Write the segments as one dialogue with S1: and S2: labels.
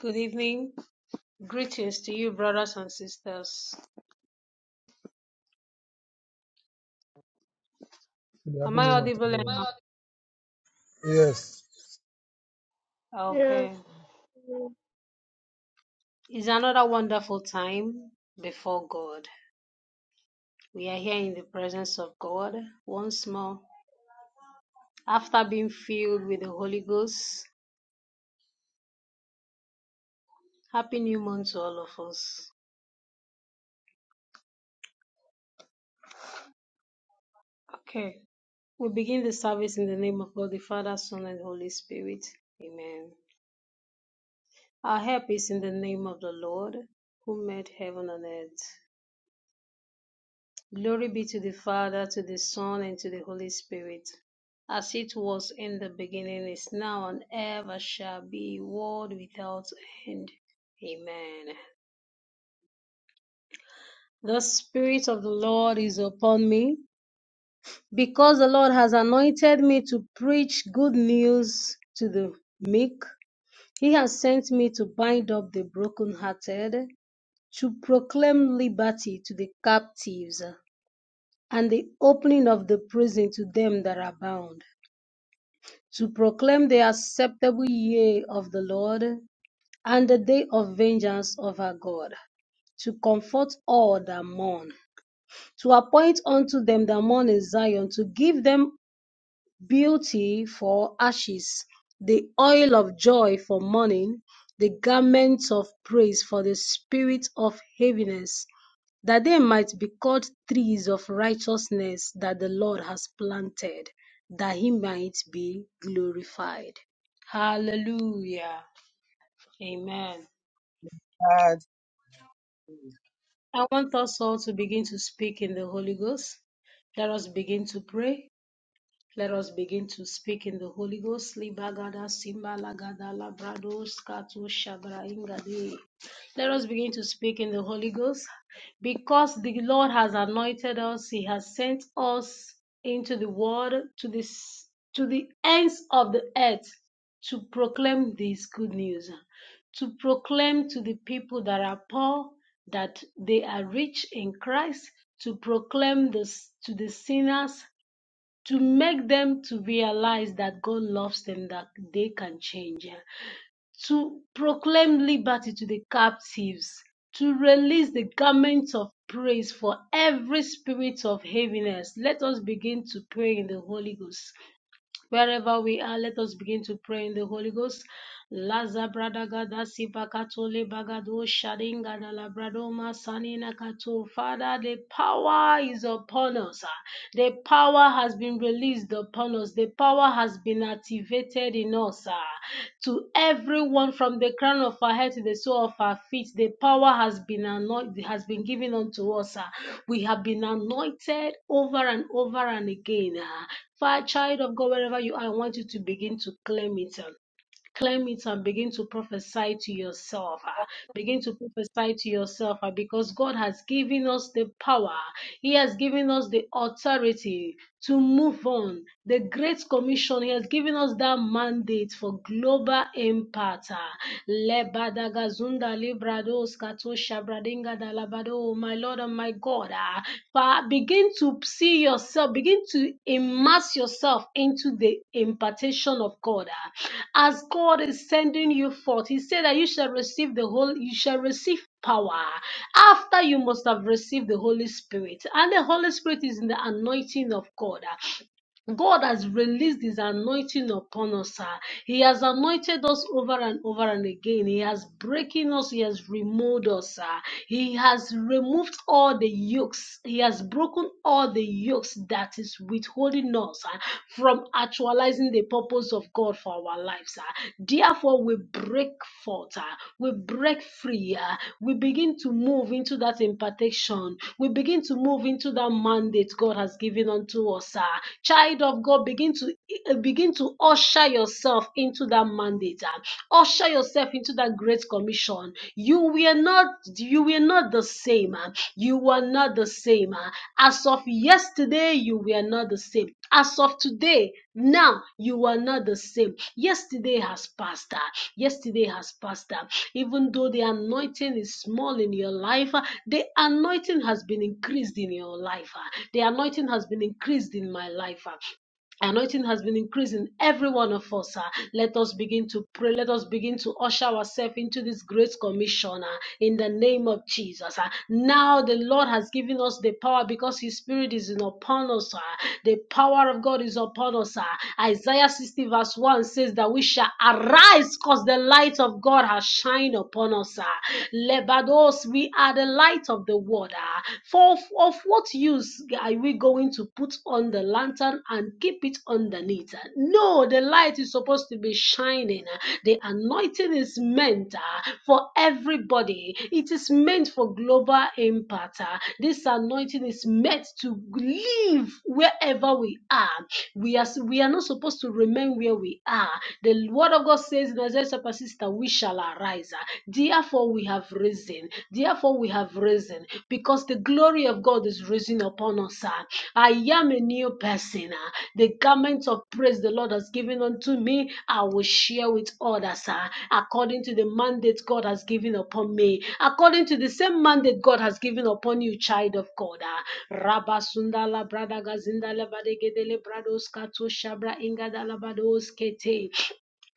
S1: Good evening. Greetings to you, brothers and sisters.
S2: In
S1: Am
S2: happy
S1: I
S2: name of the
S1: audible enough?
S2: Yes.
S3: Yes.
S1: Okay. It's another wonderful time before God. We are here in the presence of God once more after being filled with the Holy Ghost. Happy new month to all of us. Okay. We begin the service in the name of God, the Father, Son, and Holy Spirit. Amen. Our help is in the name of the Lord who made heaven and earth. Glory be to the Father, to the Son, and to the Holy Spirit, as it was in the beginning, is now, and ever shall be, world without end. Amen. The Spirit of the Lord is upon me, because the Lord has anointed me to preach good news to the meek. He has sent me to bind up the brokenhearted, to proclaim liberty to the captives, and the opening of the prison to them that are bound to proclaim the acceptable year of the Lord and the day of vengeance of our God, to comfort all that mourn, to appoint unto them that mourn in Zion, to give them Beauty for ashes, the oil of joy for mourning, the garments of praise for the spirit of heaviness, that they might be called trees of righteousness that the Lord has planted, that he might be glorified. Hallelujah. Amen.
S4: God.
S1: I want us all to begin to speak in the Holy Ghost. Let us begin to pray. Let us begin to speak in the Holy Ghost. Libagada simbalagada labrados katu shabraingadi. Let us begin to speak in the Holy Ghost because the Lord has anointed us. He has sent us into the world to this to the ends of the earth to proclaim this good news, to proclaim to the people that are poor that they are rich in Christ, to proclaim this to the sinners to make them to realize that God loves them, that they can change, yeah. to proclaim liberty to the captives, to release the garments of praise for every spirit of heaviness. Let us begin to pray in the Holy Ghost. Wherever we are, let us begin to pray in the Holy Ghost. Laza bradagada sipakatole bagado shadinga da labradoma sanina kato. Father, the power is upon us. The power has been released upon us. The power has been activated activated in us ah, to everyone from the crown of our head to the sole of our feet. The power has been anointed, has been given unto us. ah. We have been anointed over and over and again. ah. a Child of God, wherever you are, I want you to begin to claim it. ah claim it and begin to prophesy to yourself. ah. Begin to prophesy to yourself ah, because God has given us the power, He has given us the authority to move on. The Great Commission, He has given us that mandate for global impact. ah. Lebadagazunda librados kato shabradinga Oh, my Lord and my God. ah. Fa- Begin to see yourself, begin to immerse yourself into the impartation of God. ah. As God is sending you forth, He said that you shall receive the whole, you shall receive power ah. after you must have received the Holy Spirit. And the Holy Spirit is in the anointing of God. ah. God has released His anointing upon us, sir. He has anointed us over and over and again. He has breaking us. He has removed us, sir. He has removed all the yokes. He has broken all the yokes that is withholding us sir, from actualizing the purpose of God for our lives, sir. Therefore, we break forth, sir. we break free, uh, we begin to move into that impartation. We begin to move into that mandate God has given unto us, sir Child child of God, begin to eh, begin to usher yourself into that mandate. ah. Usher yourself into that great commission. You were not you were not the same. ah. You were not the same. ah. As of yesterday, you were not the same. As of today, now you are not the same. Yesterday has passed. ah. Yesterday has passed. ah. Even though the anointing is small in your life, ah, the anointing has been increased in your life. ah. The anointing has been increased in my life. ah. Anointing has been increasing every one of us. ah. Let us begin to pray. Let us begin to usher ourselves into this great commission ah, in the name of Jesus. ah. Now the Lord has given us the power because His Spirit is in upon us. ah. The power of God is upon us. ah. Isaiah 60 verse 1 says that we shall arise because the light of God has shined upon us. ah. Lebados, we are the light of the world. ah. Fourfold of what use are we going to put on the lantern and keep it underneath? No, the light is supposed to be shining. The anointing is meant uh, for everybody, it is meant for global impact. uh. This anointing is meant to live wherever we are. We are, we are not supposed to remain where we are. The word of God says in Isaiah chapter 6 that we shall arise. uh. Dear Therefore, we have risen. Therefore, we have risen because the glory of God is risen upon us. Sir, I am a new person. ah. The garment of praise the Lord has given unto me, I will share with others ah, according to the mandate God has given upon me, according to the same mandate God has given upon you, child of God. ah. Rabba Sundala Brada Gazinda Lebadegedele Brados Kato Shabra Ingadala Bados Kete.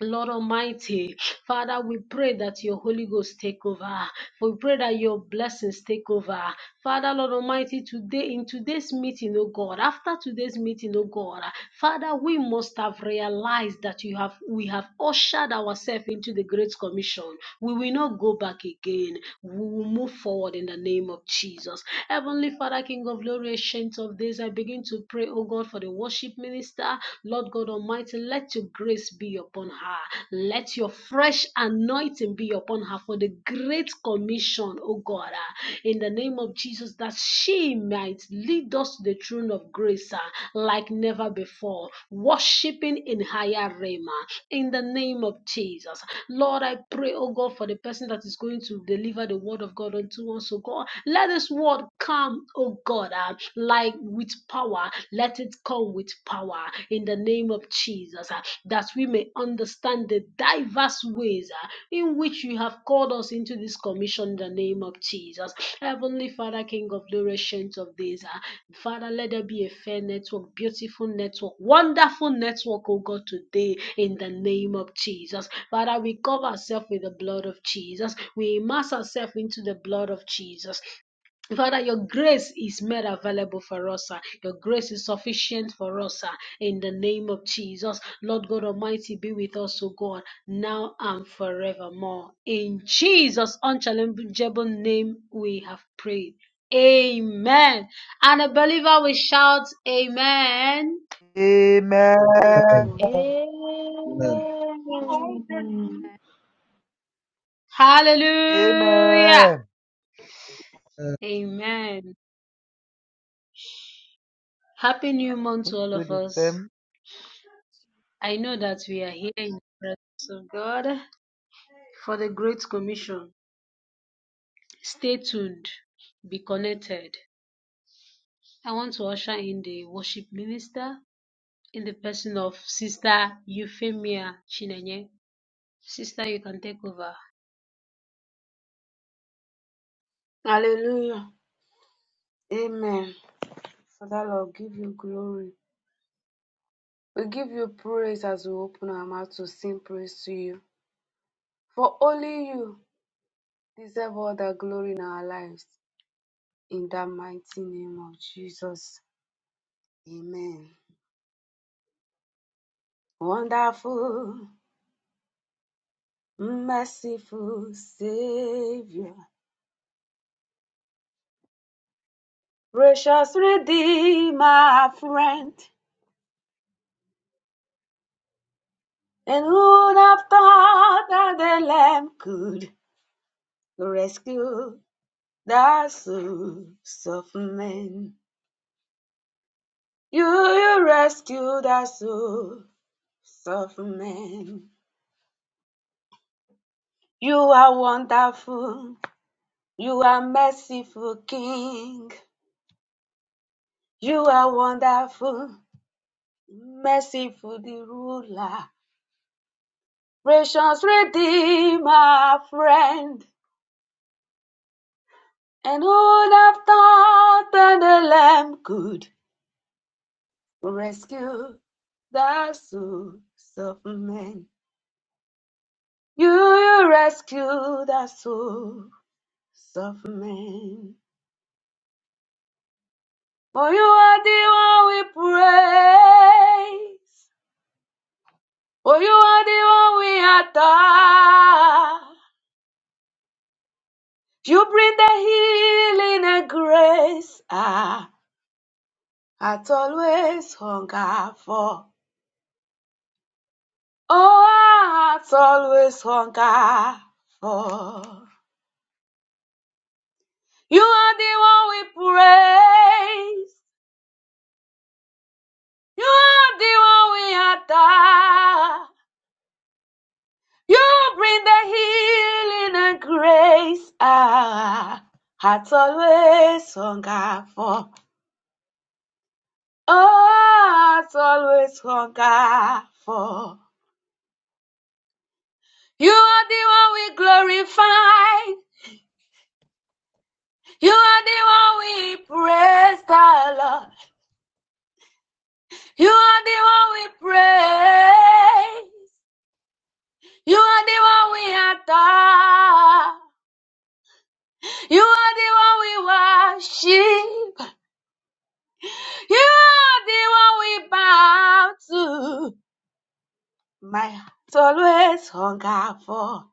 S1: Lord Almighty, Father, we pray that your Holy Ghost take over. We pray that your blessings take over. Father, Lord Almighty, today in today's meeting, oh God, after today's meeting, oh God, Father, we must have realized that you have we have ushered ourselves into the Great Commission. We will not go back again. We will move forward in the name of Jesus. Heavenly Father, King of glory, ancient of days, I begin to pray, oh God, for the worship minister, Lord God Almighty. Almighty, let your grace be upon her. Let your fresh anointing be upon her for the great commission, oh God, ah, in the name of Jesus, that she might lead us to the throne of grace ah, like never before, worshiping in higher realm. ah, in the name of Jesus. Lord, I pray, oh God, for the person that is going to deliver the word of God unto us, oh God. Let this word come, oh God, ah, like with power. Let it come with power in the name of Jesus, ah, that we may understand the diverse ways ah, in which you have called us into this commission in the name of Jesus. Heavenly Father, King of glory, Ancient of days, ah, Father, let there be a fair network, beautiful network, wonderful network, oh God, today in the name of Jesus. Father, we cover ourselves with the blood of Jesus. We immerse ourselves into the blood of Jesus. Father, your grace is made available for us. sir. Your grace is sufficient for us. sir. In the name of Jesus, Lord God Almighty, be with us, O God, now and forevermore. In Jesus' unchallengeable name, we have prayed. Amen. And a believer will shout, Amen.
S5: Amen.
S2: Amen. Amen.
S3: Amen.
S1: Hallelujah.
S5: Amen.
S2: Uh,
S1: Amen. Happy new month to all
S5: Do
S1: of
S5: the
S1: us.
S5: same.
S1: I know that we are here in the presence of God for the Great Commission. Stay tuned, be connected. I want to usher in the worship minister in the person of Sister Euphemia Chinenye. Sister, you can take over.
S6: Hallelujah. Amen. Father Lord, give you glory. We give you praise as we open our mouth to sing praise to you. For only you deserve all the glory in our lives. In the mighty name of Jesus. Amen. Wonderful, merciful Savior. Precious Redeemer, friend. And who'd have thought that the Lamb could rescue the souls of men. You, you rescue the souls of men. You are wonderful. You are merciful King. You are wonderful, merciful the ruler, precious redeemer, friend. And who would have thought that the Lamb could rescue the souls of men? You, you rescue the souls of men. For you are the one we praise. For you are the one we adore. You bring the healing and grace. Ah, hearts always hunger for. Oh, hearts always hunger for. You are the one we praise. You are the one we adore. You bring the healing and grace. Ah, hearts always hunger for. Oh, hearts always hunger for. You are the one we glorify. You are the one we praise, the Lord. You are the one we praise. You are the one we adore. You are the one we worship. You are the one we bow to. My heart always hunger for.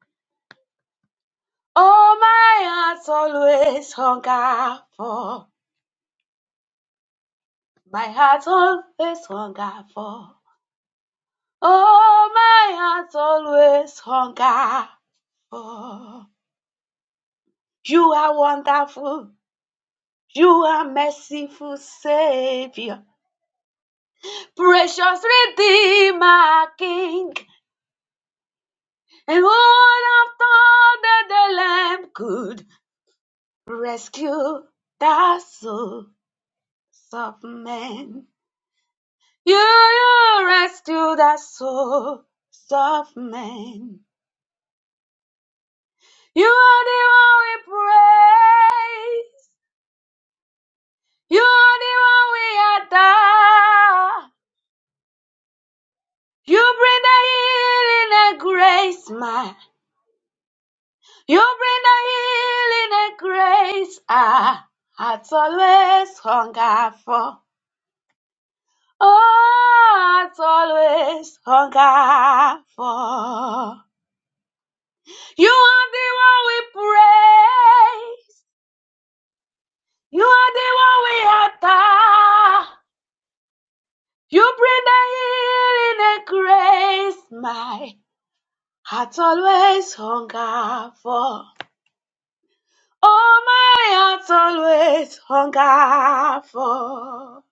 S6: Oh, my heart always hunger for. My heart always hunger for. Oh, my heart always hunger for. You are wonderful. You are merciful Savior. Precious Redeemer King. And all I've thought that the Lamb could. rescue the souls of men. You, you rescue the souls of men. You are the one we praise. You are the one we adore. You bring the healing and grace, man. You bring the healing and grace. Ah, hearts always hunger for. Oh, it's always hunger for. You are the one we praise. You are the one we adore. You bring the healing and grace. My heart always hunger for. Oh, my heart always hunger for.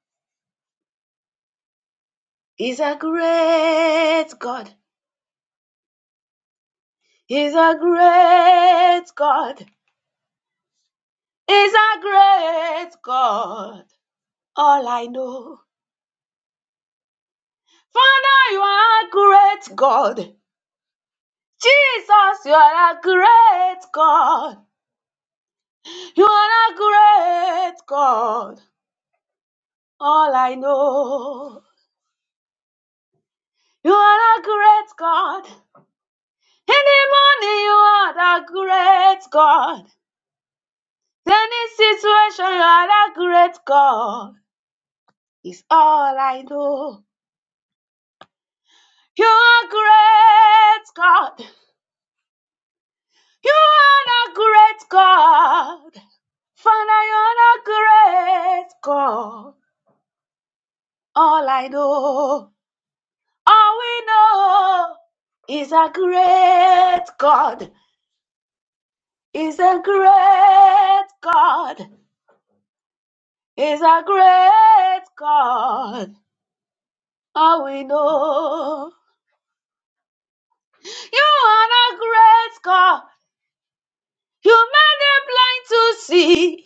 S6: He's a great God. He's a great God. is a great God. All I know. Father, you are a great God. Jesus, you are a great God. You are a great God. All I know. You are a great God. In the morning, you are the great God. In Any situation, you are the great God. Is all I know. You are great God. You are a great God. Father, you're a great God. All I know, all we know is a great God. Is a great God. Is a great God. All we know. You are a great God. You made the blind to see.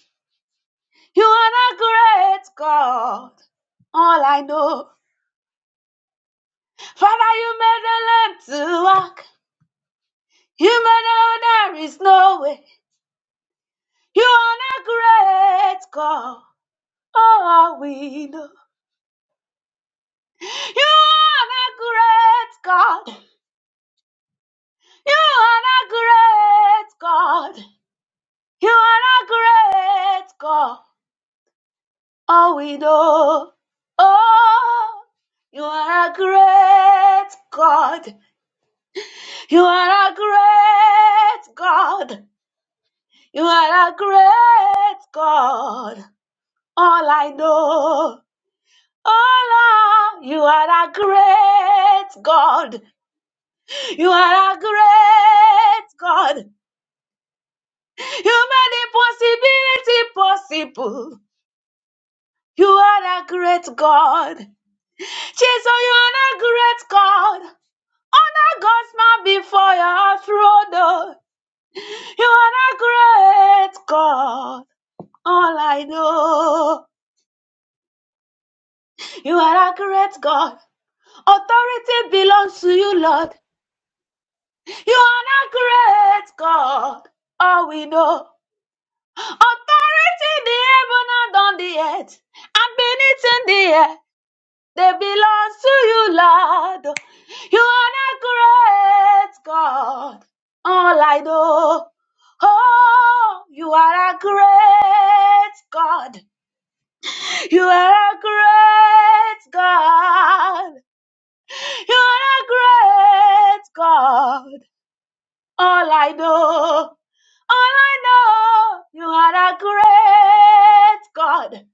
S6: You are a great God. All I know. Father, you made the lamp to walk. You made the there is no way. You are a great God. Oh, we know. You are a great God. You are a great God. You are a great God. Oh, we know. Oh, you are a great God. You are a great God. You are a great God. All I know, oh Lord, you are a great God. You are a great God. You made impossibility possible. You are a great God. Jesus, you are a great God. Honor God's man before your throne. oh. You are a great God. All I know, you are a great God. Authority belongs to you, Lord. You are a great God. All we know. Authority in the heaven and on the earth. And beneath in the air. They belong to you, Lord. You are a great God. All I know. Oh, you are a great God. You are a great God. You are a great God. All I know. All I know, you are a great God.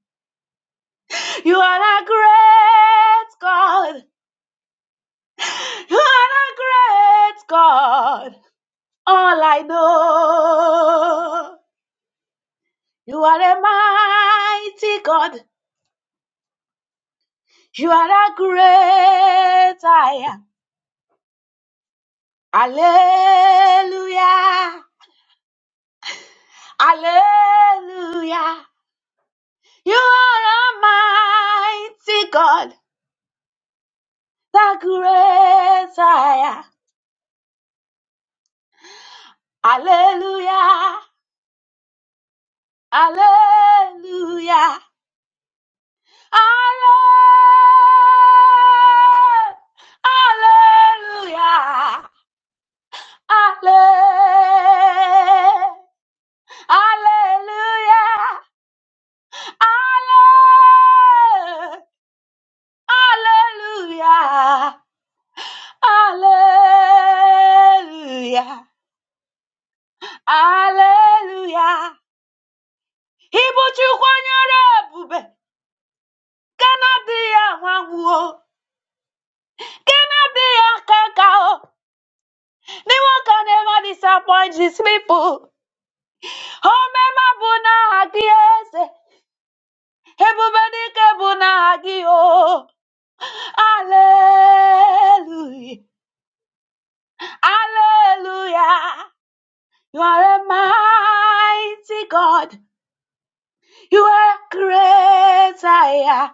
S6: You are a great God. You are a great God. All I know, you are a mighty God. You are a great I am. Alleluia. Alleluia. You are a mighty God, the great I am. Hallelujah. Hallelujah. Halle- Hallelujah. Halle- Hallelujah. Halle- Hallelujah. Hallelujah. Hallelujah. Ibu chukwu onye ọrụ ebube, Gana dị ya nwa nwụọ. Can be your cacao? The one can never disappoint these people. Oh, mema buna hagiese. Hebubedike buna hagio. Hallelujah. Hallelujah. You are a mighty God. You are a great I am.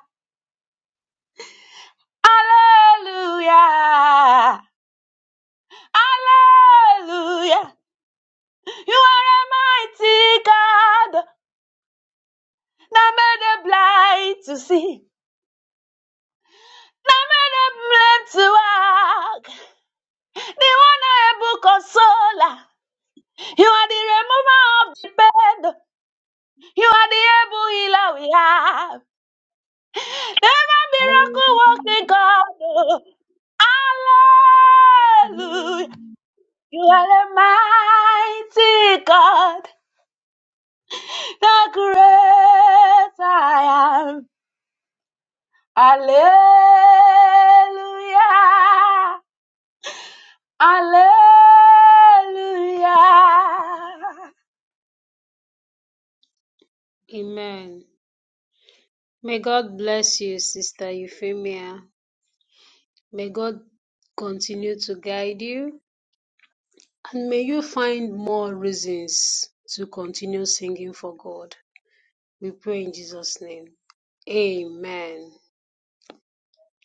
S6: Hallelujah. Hallelujah. You are a mighty God. Now made them blind to see. Now made them lame to walk. The one able consoler. You are the remover of the bed. You are the able healer we have. Never miracle working God. oh. Hallelujah. You are the mighty God, the great I am. Hallelujah. Hallelujah.
S1: Amen. May God bless you, Sister Euphemia. May God continue to guide you and may you find more reasons to continue singing for God. We pray in Jesus' name. Amen.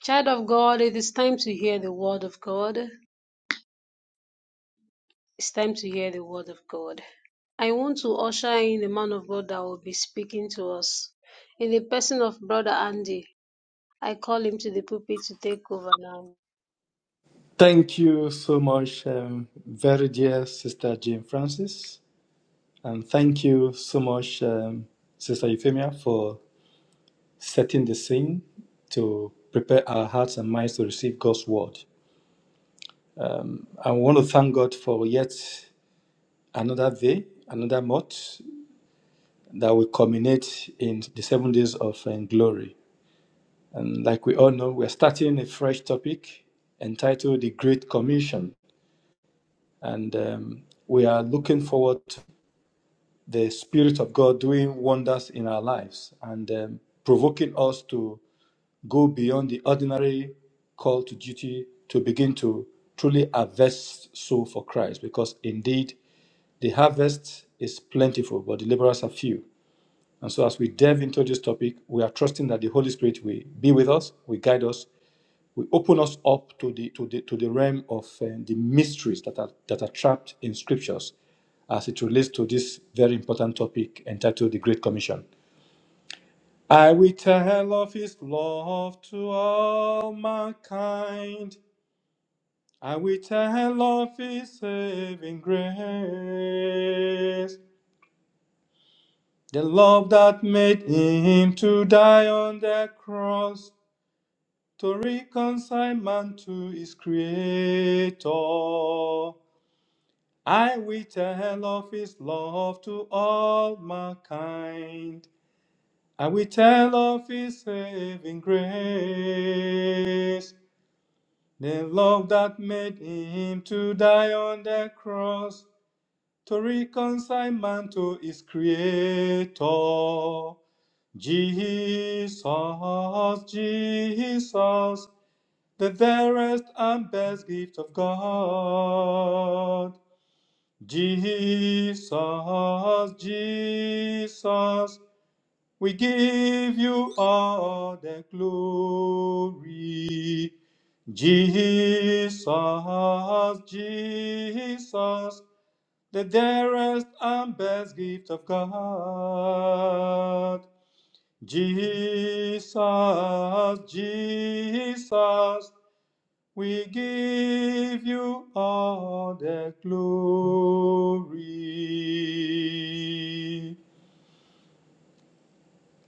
S1: Child of God, it is time to hear the word of God. It's time to hear the word of God. I want to usher in the man of God that will be speaking to us. In the person of Brother Andy, I call him to the pulpit to take over now.
S7: Thank you so much, um, very dear Sister Jane Francis, and thank you so much, um, Sister Euphemia, for setting the scene to prepare our hearts and minds to receive God's word. I want to thank God for yet another day, another month that will culminate in the seven days of um, glory. And like we all know, we're starting a fresh topic entitled The Great Commission. And um, we are looking forward the Spirit of God doing wonders in our lives and um, provoking us to go beyond the ordinary call to duty to begin to truly harvest soul for Christ. Because indeed, the harvest is plentiful, but the laborers are few. And so, as we delve into this topic, we are trusting that the Holy Spirit will be with us, will guide us, will open us up to the to the to the realm of um, the mysteries that are that are trapped in scriptures as it relates to this very important topic entitled the great commission i will tell of his love to all mankind i will tell of his saving grace the love that made him to die on the cross to reconcile man to his creator I will tell of his love to all my kind. I will tell of his saving grace. The love that made him to die on the cross to reconcile man to his creator. Jesus, Jesus, the dearest and best gift of God. Jesus, Jesus, we give you all the glory. Jesus, Jesus, the dearest and best gift of God. Jesus, Jesus, we give you all the glory.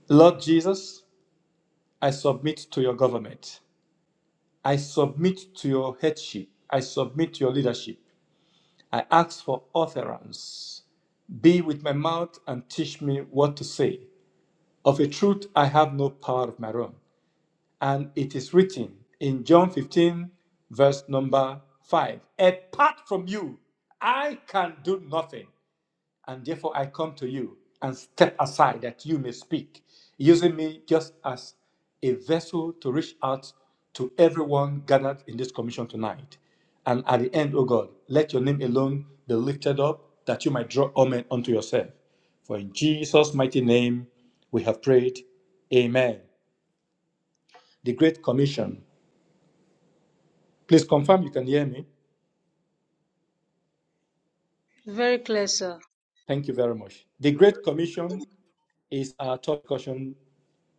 S7: Lord Jesus, I submit to your government. I submit to your headship. I submit to your leadership. I ask for utterance. Be with my mouth and teach me what to say. Of a truth, I have no power of my own. And it is written in John 15, verse number 5 Apart from you, I can do nothing. And therefore I come to you and step aside that you may speak, using me just as a vessel to reach out to everyone gathered in this commission tonight. And at the end, O God, let your name alone be lifted up, that you might draw all men unto yourself. For in Jesus' mighty name we have prayed. Amen. The Great Commission. Please confirm you can hear me.
S1: Very clear, sir.
S7: Thank you very much. The Great Commission is our top caution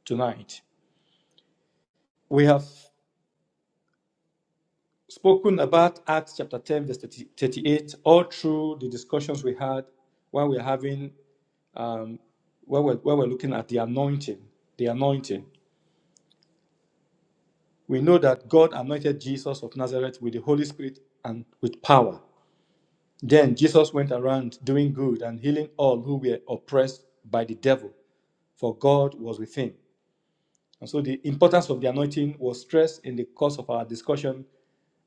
S7: tonight. We have spoken about Acts chapter 10, verse 38, all through the discussions we had while we're having, um, while, we're, while we're looking at the anointing. The anointing. We know that God anointed Jesus of Nazareth with the Holy Spirit and with power. Then Jesus went around doing good and healing all who were oppressed by the devil, for God was with him. And so the importance of the anointing was stressed in the course of our discussion.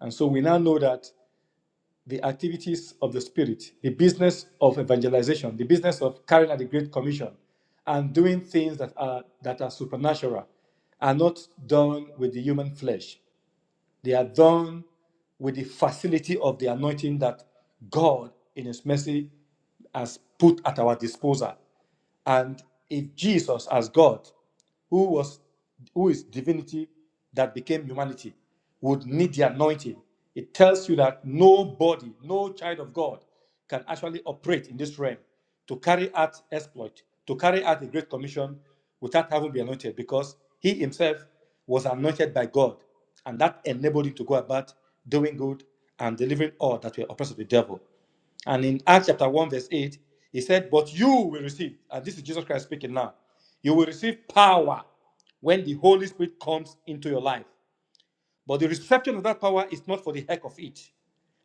S7: And so we now know that the activities of the Spirit, the business of evangelization, the business of carrying out the Great Commission, and doing things that are, that are supernatural, are not done with the human flesh. They are done with the facility of the anointing that God, in His mercy, has put at our disposal. And if Jesus, as God, who was who is divinity that became humanity, would need the anointing, it tells you that nobody, no child of God, can actually operate in this realm to carry out exploit, to carry out the great commission without having been anointed, because he himself was anointed by God and that enabled him to go about doing good and delivering all that were oppressed of the devil. And in Acts chapter 1, verse 8, he said, But you will receive, and this is Jesus Christ speaking now, you will receive power when the Holy Spirit comes into your life. But the reception of that power is not for the heck of it.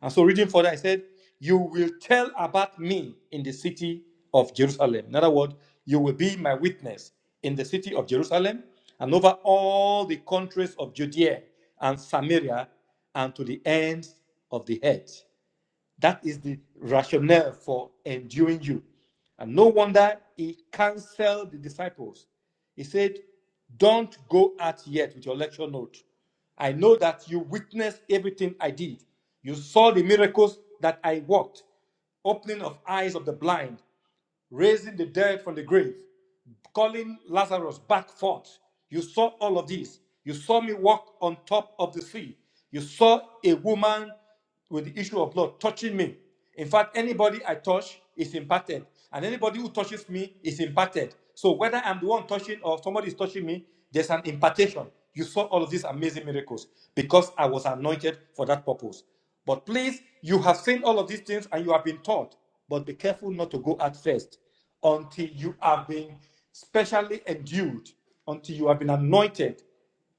S7: And so, reading further, I said, You will tell about me in the city of Jerusalem. In other words, you will be my witness in the city of Jerusalem and over all the countries of Judea and Samaria and to the ends of the earth. That is the rationale for enduring you. And no wonder he canceled the disciples. He said, Don't go out yet with your lecture note. I know that you witnessed everything I did. You saw the miracles that I worked, opening of eyes of the blind, raising the dead from the grave calling Lazarus back forth. You saw all of this. You saw me walk on top of the sea. You saw a woman with the issue of blood touching me. In fact, anybody I touch is impacted, and anybody who touches me is impacted. So whether I'm the one touching or somebody is touching me, there's an impartation. You saw all of these amazing miracles because I was anointed for that purpose. But please, you have seen all of these things and you have been taught, but be careful not to go out first until you have been specially endued, until you have been anointed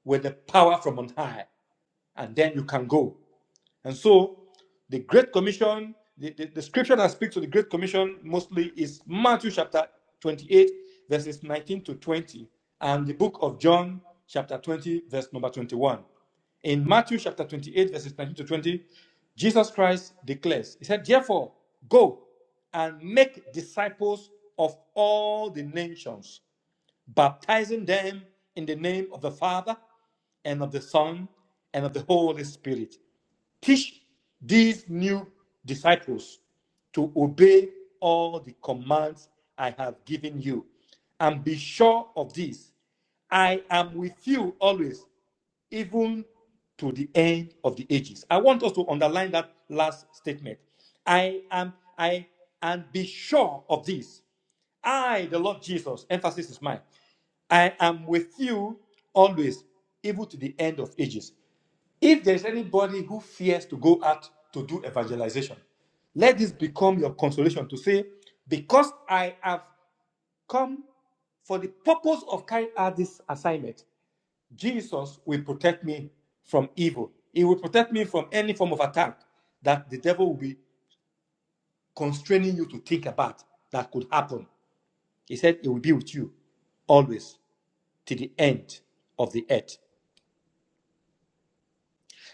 S7: with the power from on high and then you can go. And so the Great Commission, the, the, the scripture that speaks to the Great Commission mostly is Matthew chapter 28, verses 19 to 20, and the book of John chapter 20, verse number 21. In Matthew chapter 28, verses 19 to 20, Jesus Christ declares, He said, Therefore, go and make disciples of all the nations baptizing them in the name of the Father and of the Son and of the Holy Spirit. Teach these new disciples to obey all the commands I have given you. And be sure of this I am with you always even to the end of the ages. I want us to underline that last statement. I am, I, and be sure of this. I, the Lord Jesus, emphasis is mine. I am with you always, even to the end of ages. If there is anybody who fears to go out to do evangelization, let this become your consolation to say, Because I have come for the purpose of carrying out this assignment, Jesus will protect me from evil. He will protect me from any form of attack that the devil will be constraining you to think about that could happen. He said it will be with you always to the end of the earth.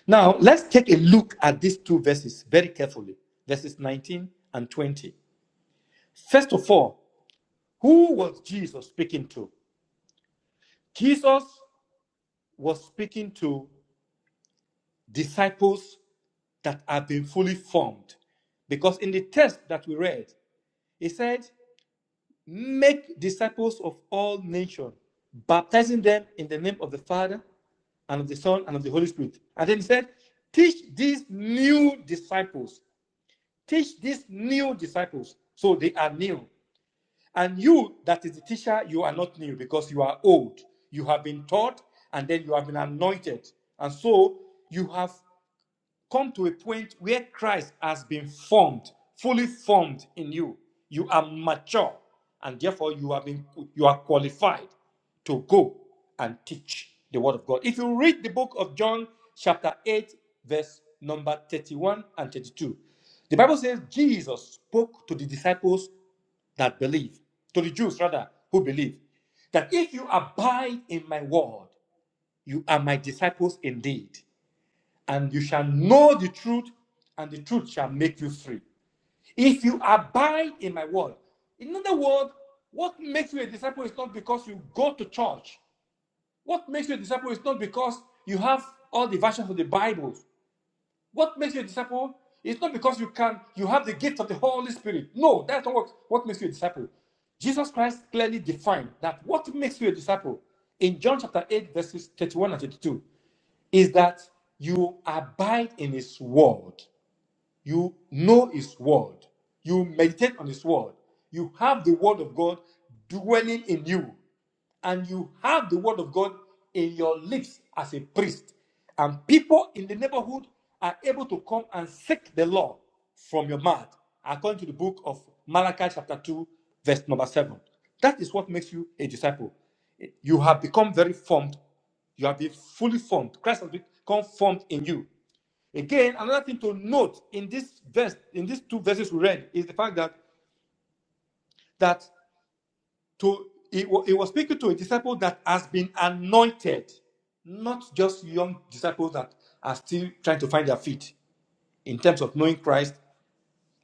S7: Now, let's take a look at these two verses very carefully verses 19 and 20. First of all, who was Jesus speaking to? Jesus was speaking to disciples that have been fully formed. Because in the text that we read, He said, Make disciples of all nations, baptizing them in the name of the Father and of the Son and of the Holy Spirit. And then he said, Teach these new disciples. Teach these new disciples. So they are new. And you, that is the teacher, you are not new because you are old. You have been taught and then you have been anointed. And so you have come to a point where Christ has been formed, fully formed in you. You are mature, and therefore you have been you are qualified to go and teach the word of God. If you read the book of John, chapter 8, verse number 31 and 32, the Bible says Jesus spoke to the disciples that believe, to the Jews rather, who believe, that if you abide in my word, you are my disciples indeed and you shall know the truth, and the truth shall make you free. If you abide in my word, in other words, what makes you a disciple is not because you go to church. What makes you a disciple is not because you have all the versions of the Bible. What makes you a disciple is not because you can you have the gift of the Holy Spirit. No, that's not what, what makes you a disciple. Jesus Christ clearly defined that what makes you a disciple in John chapter 8, verses 31 and 32 is that you abide in his word you know his word you meditate on his word you have the word of god dwelling in you and you have the word of god in your lips as a priest and people in the neighborhood are able to come and seek the law from your mouth according to the book of malachi chapter 2 verse number 7 that is what makes you a disciple you have become very formed you have been fully formed christ has become formed in you Again, another thing to note in this verse, in these two verses we read, is the fact that that to it, it was speaking to a disciple that has been anointed, not just young disciples that are still trying to find their feet in terms of knowing Christ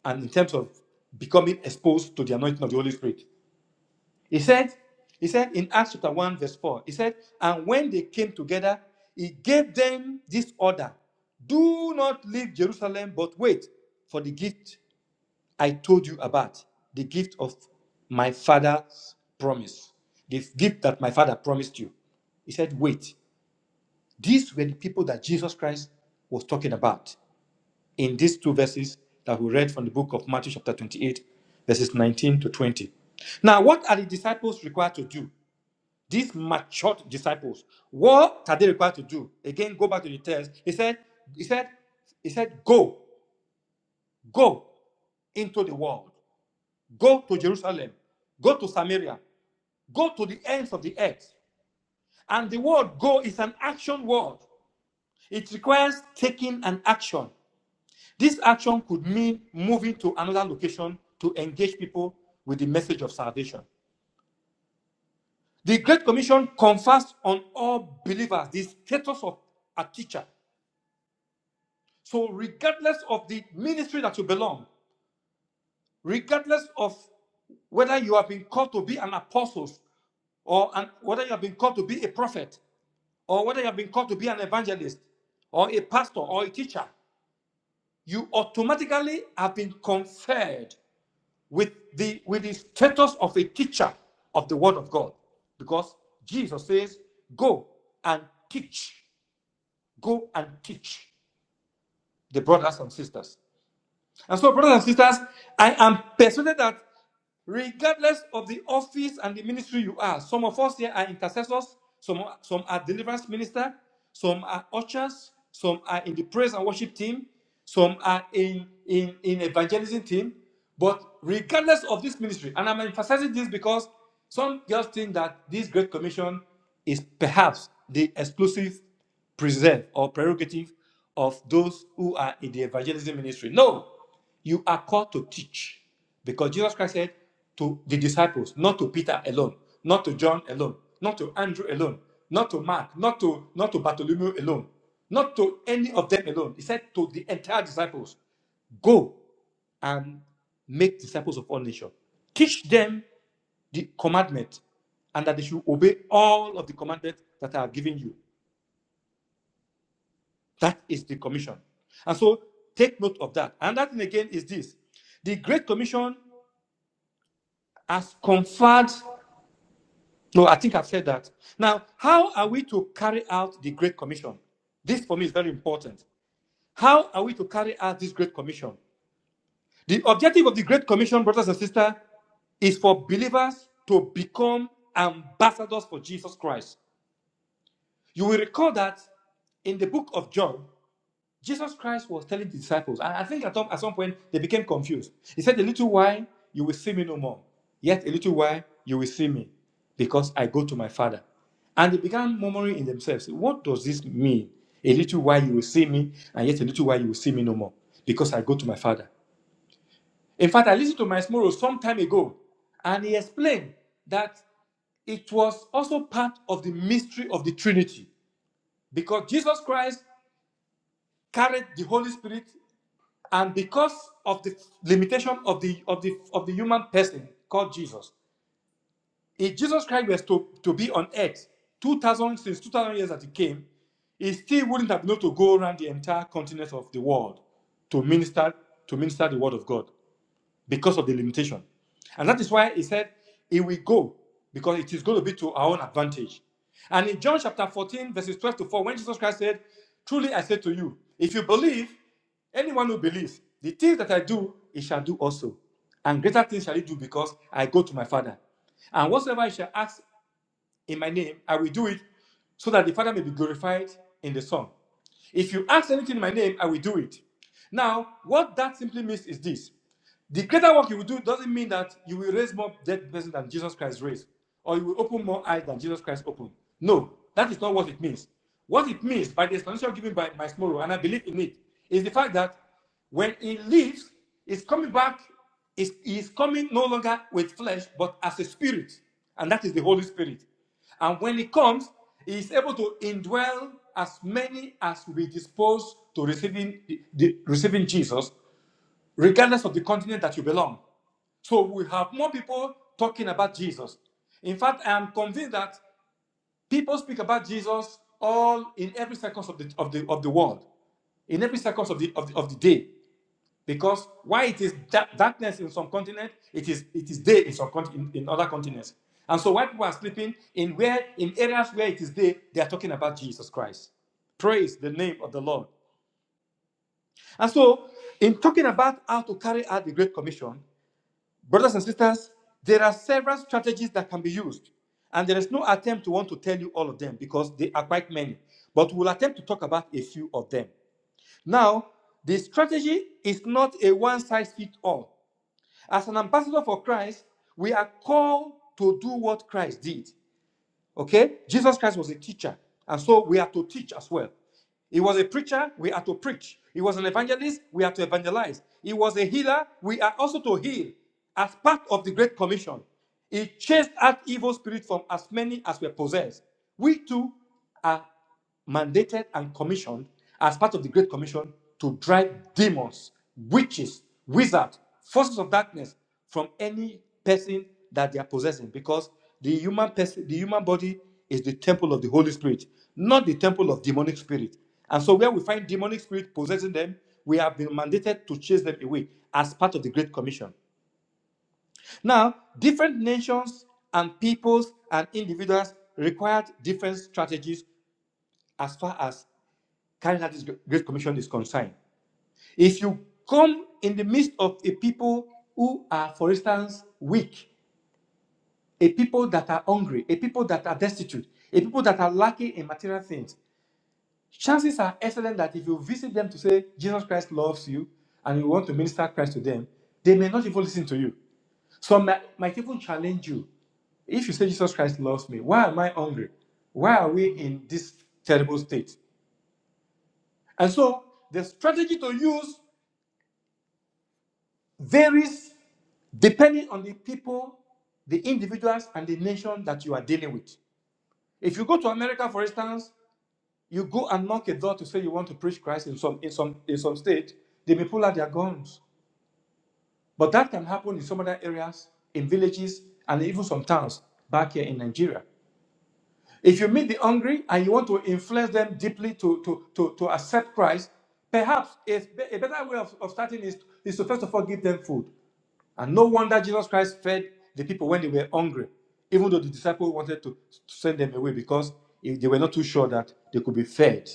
S7: and in terms of becoming exposed to the anointing of the Holy Spirit. He said, he said in Acts chapter 1, verse 4, he said, and when they came together, he gave them this order do not leave Jerusalem, but wait for the gift I told you about the gift of my father's promise, the gift that my father promised you. He said, Wait, these were the people that Jesus Christ was talking about in these two verses that we read from the book of Matthew, chapter 28, verses 19 to 20. Now, what are the disciples required to do? These matured disciples, what are they required to do? Again, go back to the text. He said, He said, He said, Go, go into the world. Go to Jerusalem. Go to Samaria. Go to the ends of the earth. And the word go is an action word. It requires taking an action. This action could mean moving to another location to engage people with the message of salvation. The Great Commission confers on all believers the status of a teacher. So, regardless of the ministry that you belong, regardless of whether you have been called to be an apostle, or an, whether you have been called to be a prophet or whether you have been called to be an evangelist or a pastor or a teacher, you automatically have been conferred with the with the status of a teacher of the word of God. Because Jesus says, Go and teach, go and teach the brothers and sisters. And so, brothers and sisters, I am persuaded that regardless of the office and the ministry you are, some of us here are intercessors, some, some are deliverance minister, some are ushers, some are in the praise and worship team, some are in, in, in evangelism team. But regardless of this ministry, and I'm emphasizing this because some girls think that this Great Commission is perhaps the exclusive preserve or prerogative of those who are in the evangelism ministry. No, you are called to teach because Jesus Christ said to the disciples, not to Peter alone, not to John alone, not to Andrew alone, not to Mark, not to not to Bartholomew alone, not to any of them alone. He said to the entire disciples, go and make disciples of all nations. Teach them the commandment and that they should obey all of the commandments that I have given you. That is the commission. And so take note of that. Another thing again is this the Great Commission has conferred. No, I think I've said that. Now, how are we to carry out the Great Commission? This for me is very important. How are we to carry out this Great Commission? The objective of the Great Commission, brothers and sisters, is for believers to become ambassadors for Jesus Christ. You will recall that in the book of John, Jesus Christ was telling the disciples, and I think at, some- at some point they became confused. He said, A little while you will see me no more, yet a little while you will see me, because I go to my Father. And they began murmuring in themselves, What does this mean? A little while you will see me, and yet a little while you will see me no more, because I go to my Father. In fact, I listened to my Morrow some time ago, and he explained that it was also part of the mystery of the Trinity because Jesus Christ carried the Holy Spirit And because of the limitation of the of the of the human person called Jesus, if Jesus Christ was to, to be on earth 2000 since 2000 years that he came, he still wouldn't have been able to go around the entire continent of the world to minister to minister the word of God because of the limitation. And that is why he said it will go because it is going to be to our own advantage. And in John chapter 14, verses 12 to 4, when Jesus Christ said, Truly I say to you, if you believe, anyone who believes, the things that I do, he shall do also. And greater things shall he do because I go to my Father. And whatsoever I shall ask in my name, I will do it so that the Father may be glorified in the Son. If you ask anything in my name, I will do it. Now, what that simply means is this the greater work you will do doesn't mean that you will raise more dead persons than Jesus Christ raised, or you will open more eyes than Jesus Christ opened. No, that is not what it means. What it means, by the explanation given by my small and I believe in it, is the fact that when he leaves, he's coming back, he's, he's coming no longer with flesh, but as a spirit, and that is the Holy Spirit. And when he comes, he is able to indwell as many as will be disposed to receiving, the, the- receiving Jesus regardless of the continent that you belong. So we have more people talking about Jesus. In fact, I am convinced that people speak about Jesus all in every seconds of the of the of the world, in every seconds of the of the, of the day. Because why it is da- darkness in some continent, it is it is day in some in, in other continents. And so while people are sleeping in where in areas where it is day, they are talking about Jesus Christ. Praise the name of the Lord. And so, in talking about how to carry out the Great Commission, Brothers and sisters, there are several strategies that can be used, and there is no attempt to want to tell you all of them because they are quite many, but we'll attempt to talk about a few of them. Now, the strategy is not a one size fits all. As an ambassador for Christ, we are called to do what Christ did. Okay? Jesus Christ was a teacher. And so we are to teach as well. He was a preacher, we are to preach. He was an evangelist, we are to evangelize. He was a healer, we are also to heal. As part of the Great Commission, he chased out evil spirits from as many as were possessed. We too are mandated and commissioned as part of the Great Commission to drive demons, witches, wizards, forces of darkness from any person that they are possessing because the human person the human body is the temple of the holy spirit not the temple of demonic spirit and so where we find demonic spirit possessing them we have been mandated to chase them away as part of the great commission now different nations and peoples and individuals required different strategies as far as carrying out this great commission is concerned if you come in the midst of a people who are for instance weak a people that are hungry, a people that are destitute, a people that are lacking in material things, chances are excellent that if you visit them to say Jesus Christ loves you and you want to minister Christ to them, they may not even listen to you. Some might, might even challenge you. If you say Jesus Christ loves me, why am I hungry? Why are we in this terrible state? And so the strategy to use varies depending on the people, the individuals, and the nation that you are dealing with. If you go to America, for instance, You go and knock a door to say you want to preach Christ in some in some in some state, they may pull out their guns. But that can happen in some other areas, in villages, and even some towns back here in Nigeria. If you meet the hungry and you want to influence them deeply to to to, to accept Christ, perhaps a, a better way of, of starting is, is to first of all give them food. And no wonder Jesus Christ fed the people when they were hungry, even though the disciples wanted to send them away because they were not too sure that they could be fed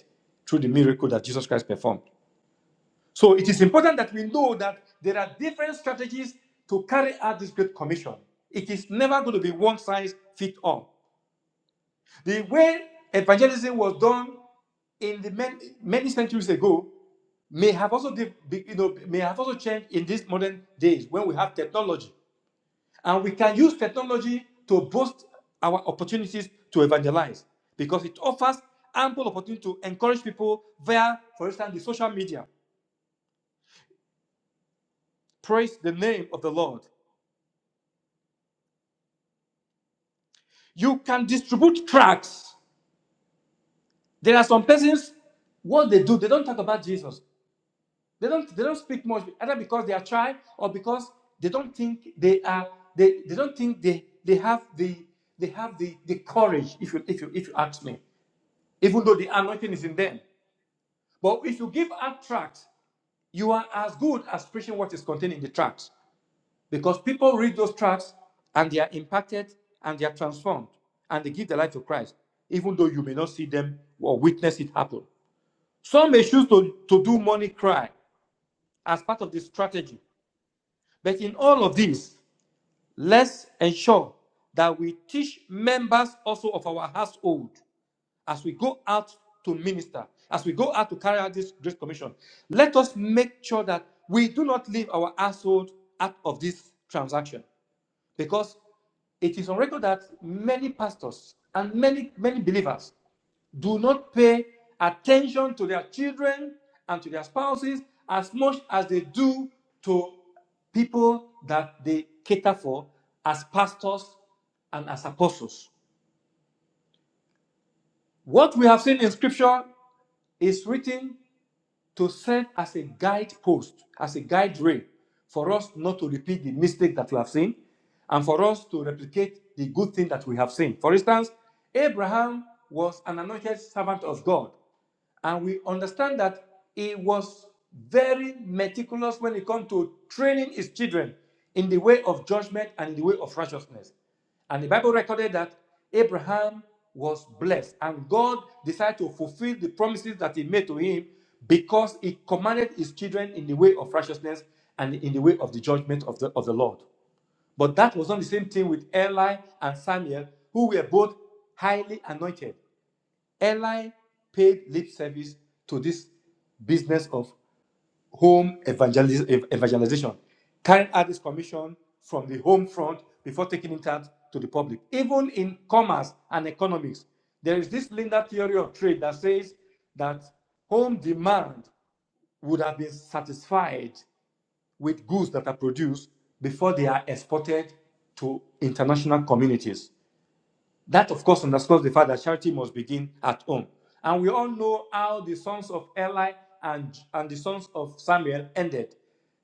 S7: through the miracle that Jesus Christ performed. So it is important that we know that there are different strategies to carry out this great commission. It is never going to be one size fit all. The way evangelism was done in the many, many centuries ago may have also you know may have also changed in these modern days when we have technology and we can use technology to boost our opportunities to evangelize because it offers ample opportunity to encourage people via, for instance, the social media. Praise the name of the Lord. You can distribute tracts. There are some persons, what they do, they don't talk about Jesus. They don't they don't speak much, either because they are shy or because they don't think they are they, they don't think they they have the they have the, the courage, if you if you if you ask me, even though the anointing is in them. But if you give out tracts, you are as good as preaching what is contained in the tracts because people read those tracts and they are impacted and they are transformed and they give their life to Christ, even though you may not see them or witness it happen. Some may choose to, to do money cry as part of the strategy. But in all of this, let's ensure that we teach members also of our household as we go out to minister, as we go out to carry out this Great Commission, let us make sure that we do not leave our household out of this transaction because it is on record that many pastors and many, many believers do not pay attention to their children and to their spouses as much as they do to people that they cater for as pastors and as apostles. What we have seen in scripture Is written to serve as a guidepost, as a guide rail for us not to repeat the mistake that we have seen and for us to replicate the good thing that we have seen. For instance, Abraham was an anointed servant of God, and we understand that he was very meticulous when it comes to training his children in the way of judgment and in the way of righteousness. And the Bible recorded that Abraham was blessed, and God decided to fulfill the promises that He made to him because He commanded His children in the way of righteousness and in the way of the judgment of the, of the Lord. But that was not the same thing with Eli and Samuel, who were both highly anointed. Eli paid lip service to this business of home evangeliz- ev- evangelization, carrying out this commission from the home front before taking it out to the public. Even in commerce and economics, there is this linear theory of trade that says that home demand would have been satisfied with goods that are produced before they are exported to international communities. That, of course, underscores the fact that charity must begin at home. And we all know how the sons of Eli and, and the sons of Samuel ended.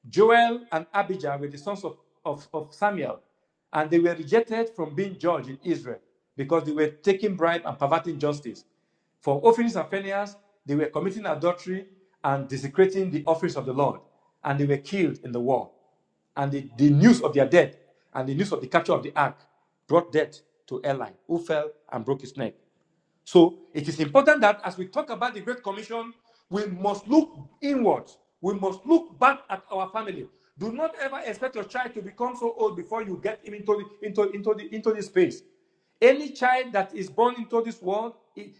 S7: Joel and Abijah were the sons of, of, of Samuel, and they were rejected from being judged in Israel because they were taking bribe and perverting justice. For offerings and failures, they were committing adultery and desecrating the offerings of the Lord, and they were killed in the war. And the, the news of their death and the news of the capture of the ark brought death to Eli, who fell and broke his neck. So it is important that as we talk about the Great Commission, we must look inwards. We must look back at our family. Do not ever expect your child to become so old before you get him into the, into, into the, into this space. Any child that is born into this world,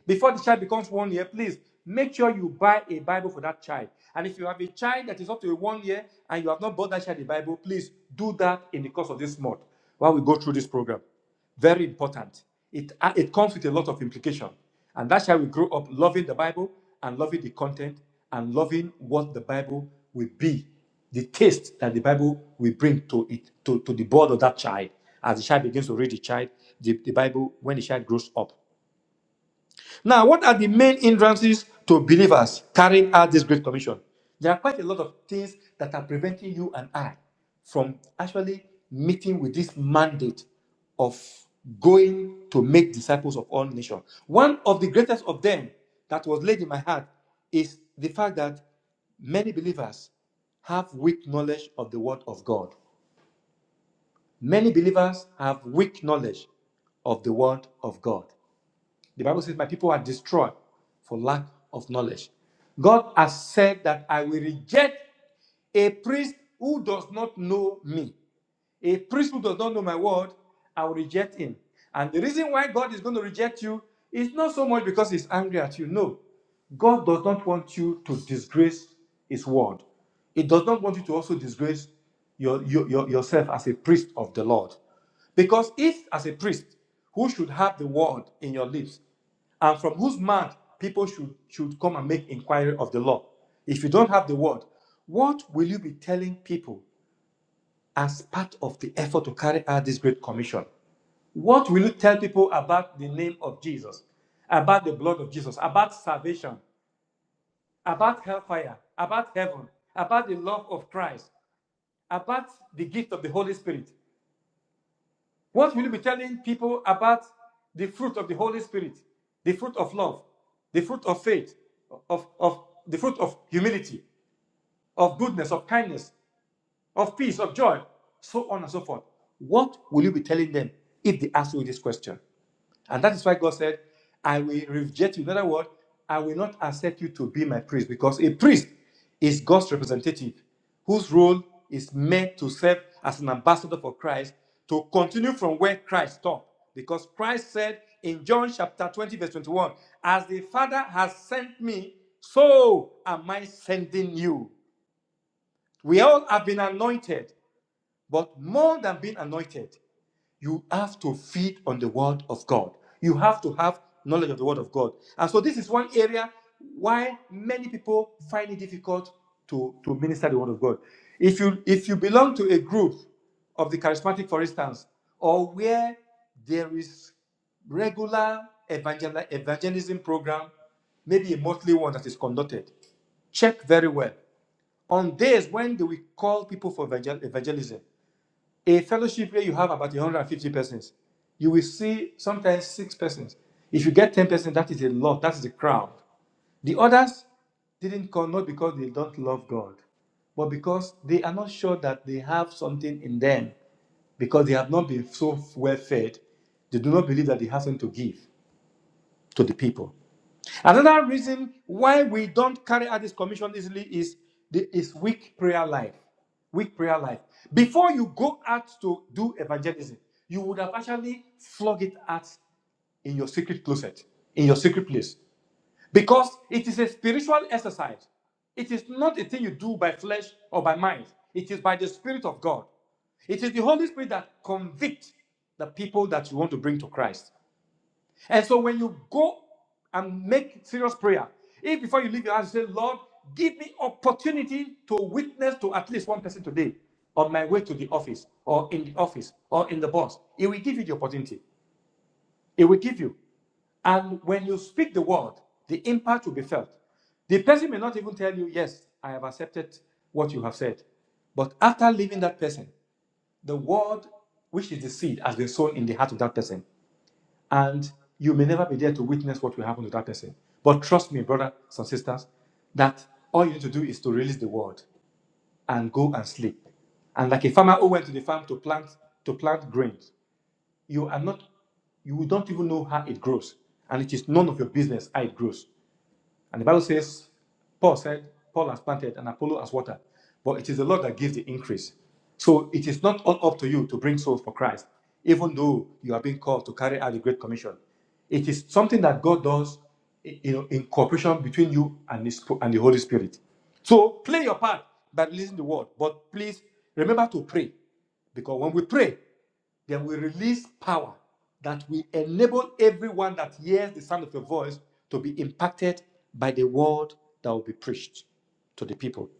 S7: before the child becomes one year, please make sure you buy a Bible for that child. And if you have a child that is up to one year and you have not bought that child a Bible, please do that in the course of this month while we go through this program. Very important. It, uh, it comes with a lot of implication. And that's how we grow up loving the Bible and loving the content and loving what the Bible will be, the taste that the Bible will bring to it, to, to the board of that child. As the child begins to read the child, the, the Bible, when the child grows up. Now, what are the main hindrances to believers carrying out this Great Commission? There are quite a lot of things that are preventing you and I from actually meeting with this mandate of going to make disciples of all nations. One of the greatest of them that was laid in my heart is the fact that many believers have weak knowledge of the Word of God. Many believers have weak knowledge of the Word of God. The Bible says, My people are destroyed for lack of knowledge. God has said that I will reject a priest who does not know me. A priest who does not know my word, I will reject him. And the reason why God is going to reject you is not so much because he's angry at you. No. God does not want you to disgrace his word. He does not want you to also disgrace your, your, your- yourself as a priest of the Lord. Because if, as a priest, who should have the word in your lips, and from whose mouth people should, should come and make inquiry of the law, if you don't have the word, what will you be telling people as part of the effort to carry out this great commission. What will you tell people about the name of Jesus, about the blood of Jesus, about salvation, about hellfire, about heaven, about the love of Christ, about the gift of the Holy Spirit? What will you be telling people about the fruit of the Holy Spirit, the fruit of love, the fruit of faith, of, of the fruit of humility, of goodness, of kindness, of peace, of joy, so on and so forth. What will you be telling them if they ask you this question? And that is why God said, I will reject you. In other words, I will not accept you to be my priest because a priest is God's representative whose role is meant to serve as an ambassador for Christ to continue from where Christ stopped. Because Christ said in John chapter 20, verse 21, As the Father has sent me, so am I sending you. We all have been anointed. But more than being anointed, you have to feed on the word of God. You have to have knowledge of the word of God. And so this is one area why many people find it difficult to, to minister the word of God. If you if you belong to a group of the charismatic, for instance, or where there is regular evangel- evangelism program, maybe a monthly one that is conducted, check very well. On days when they will call people for evangel- evangelism, a fellowship where you have about 150 persons, you will see sometimes six persons. If you get 10 persons, that is a lot. That is the crowd. The others didn't come not because they don't love God, but because they are not sure that they have something in them, because they have not been so well fed. They do not believe that they have something to give to the people. Another reason why we don't carry out this commission easily is the, is weak prayer life. Weak prayer life. Before you go out to do evangelism, you would have actually flogged it out in your secret closet, in your secret place, because it is a spiritual exercise. It is not a thing you do by flesh or by mind. It is by the Spirit of God. It is the Holy Spirit that convicts the people that you want to bring to Christ. And so when you go and make serious prayer, if before you leave your house you say, Lord, give me opportunity to witness to at least one person today on my way to the office or in the office or in the bus, it will give you the opportunity. It will give you. And when you speak the word, the impact will be felt. The person may not even tell you, Yes, I have accepted what you have said. But after leaving that person, the word, which is the seed, has been sown in the heart of that person and you may never be there to witness what will happen to that person. But trust me, brothers and sisters, that all you need to do is to release the word and go and sleep. And like a farmer who went to the farm to plant to plant grains, you are not, you don't even know how it grows, and it is none of your business how it grows. And the Bible says, Paul said, Paul has planted and Apollos has watered, but it is the Lord that gives the increase. So it is not all up to you to bring souls for Christ, even though you are being called to carry out the Great Commission. It is something that God does you know, in cooperation between you and, his, and the Holy Spirit. So play your part by listening to the word, but please remember to pray. Because when we pray, then we release power that will enable everyone that hears the sound of your voice to be impacted by the word that will be preached to the people.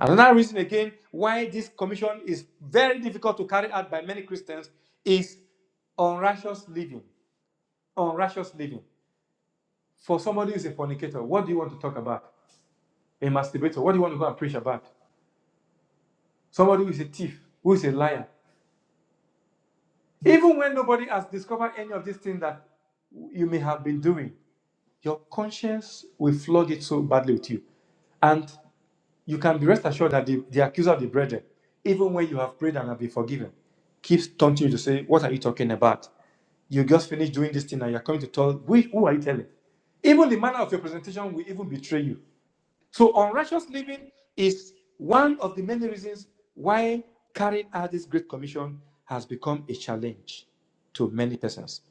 S7: Another reason, again, why this commission is very difficult to carry out by many Christians is unrighteous living. Unrighteous living. For somebody who is a fornicator, what do you want to talk about? A masturbator, what do you want to go and preach about? Somebody who is a thief, who is a liar, Even when nobody has discovered any of these things that you may have been doing, your conscience will flog it so badly with you. And you can be rest assured that the, the accuser of the brethren, even when you have prayed and have been forgiven, keeps taunting you to say, What are you talking about? You just finished doing this thing and you're coming to tell, who? Who are you telling? Even the manner of your presentation will even betray you. So unrighteous living is one of the many reasons why carrying out this Great Commission has become a challenge to many persons.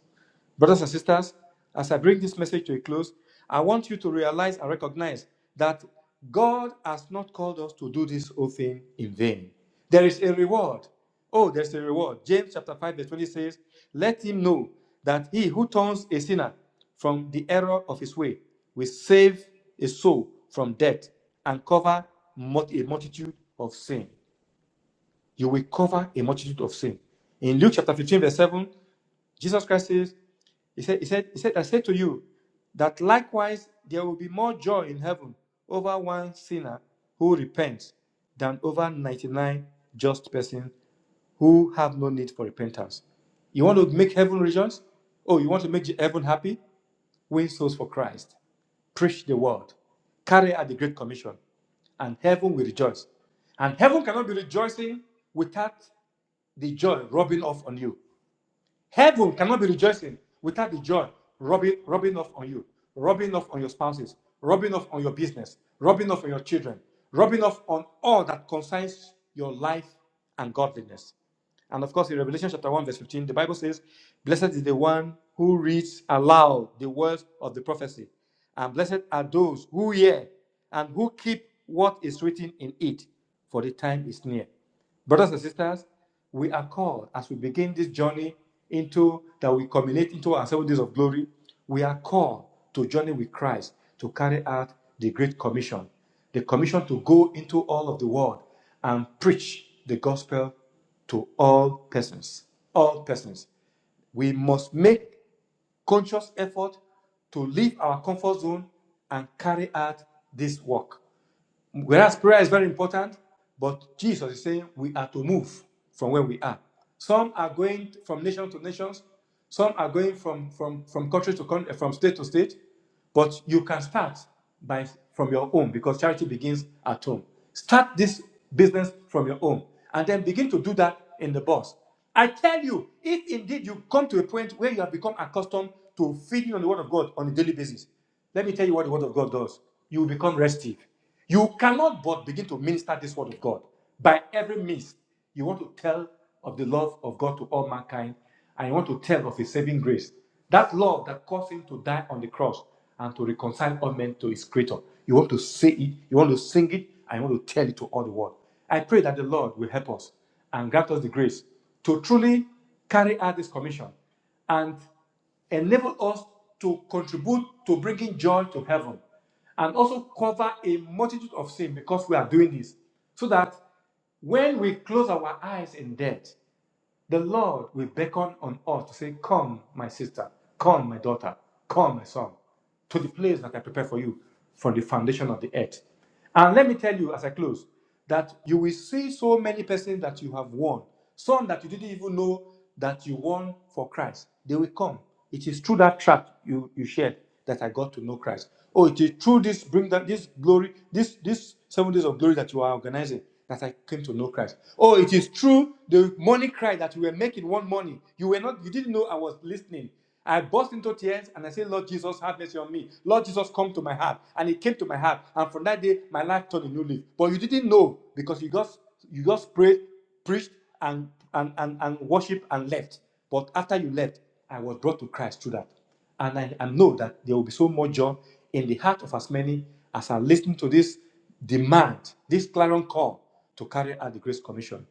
S7: Brothers and sisters, as I bring this message to a close, I want you to realize and recognize that God has not called us to do this whole thing in vain. There is a reward. Oh, there's a reward. James chapter 5, verse 20 says, Let him know that he who turns a sinner from the error of his way will save a soul from death and cover mul- a multitude of sin you will cover a multitude of sin. In Luke chapter 15, verse 7, Jesus Christ says, He said, He said, He said, I say to you that likewise there will be more joy in heaven over one sinner who repents than over 99 just persons who have no need for repentance. You want to make heaven rejoice? Oh, you want to make heaven happy? Win souls for Christ. Preach the word. Carry out the Great Commission. And heaven will rejoice. And heaven cannot be rejoicing without the joy rubbing off on you. Heaven cannot be rejoicing without the joy rubbing, rubbing off on you, rubbing off on your spouses, rubbing off on your business, rubbing off on your children, rubbing off on all that concerns your life and godliness. And of course, in Revelation chapter 1, verse 15, the Bible says, Blessed is the one who reads aloud the words of the prophecy, and blessed are those who hear and who keep what is written in it, for the time is near. Brothers and sisters, we are called as we begin this journey into that we culminate into our seven days of glory. We are called to journey with Christ to carry out the Great Commission, the commission to go into all of the world and preach the gospel to all persons. All persons. We must make conscious effort to leave our comfort zone and carry out this work. Whereas prayer is very important, but Jesus is saying we are to move from where we are. Some are going from nation to nations, some are going from, from, from country to country, from state to state, but you can start by from your home because charity begins at home. Start this business from your home and then begin to do that in the bus. I tell you, if indeed you come to a point where you have become accustomed to feeding on the word of God on a daily basis, let me tell you what the word of God does. You will become restive. You cannot but begin to minister this word of God by every means. You want to tell of the love of God to all mankind, and you want to tell of His saving grace. That love that caused Him to die on the cross and to reconcile all men to His Creator. You want to say it, you want to sing it, and you want to tell it to all the world. I pray that the Lord will help us and grant us the grace to truly carry out this commission and enable us to contribute to bringing joy to heaven and also cover a multitude of sin because we are doing this so that when we close our eyes in death the lord will beckon on us to say come my sister come my daughter come my son to the place that i prepare for you from the foundation of the earth and let me tell you as i close that you will see so many persons that you have won some that you didn't even know that you won for Christ, they will come. It is through that track you, you shared that I got to know Christ. Oh, it is through this bring that this glory, this this seven days of glory that you are organizing that I came to know Christ. Oh, it is true the money cry that you were making one morning. You were not, you didn't know I was listening. I burst into tears and I said, Lord Jesus, have mercy on me. Lord Jesus, come to my heart. And it came to my heart. And from that day, my life turned a new leaf. But you didn't know because you just you just prayed preached and, and, and, and worshiped and left. But after you left, I was brought to Christ through that. And I, I know that there will be so much joy in the heart of as many as are listening to this demand, this clarion call to carry out the Great Commission.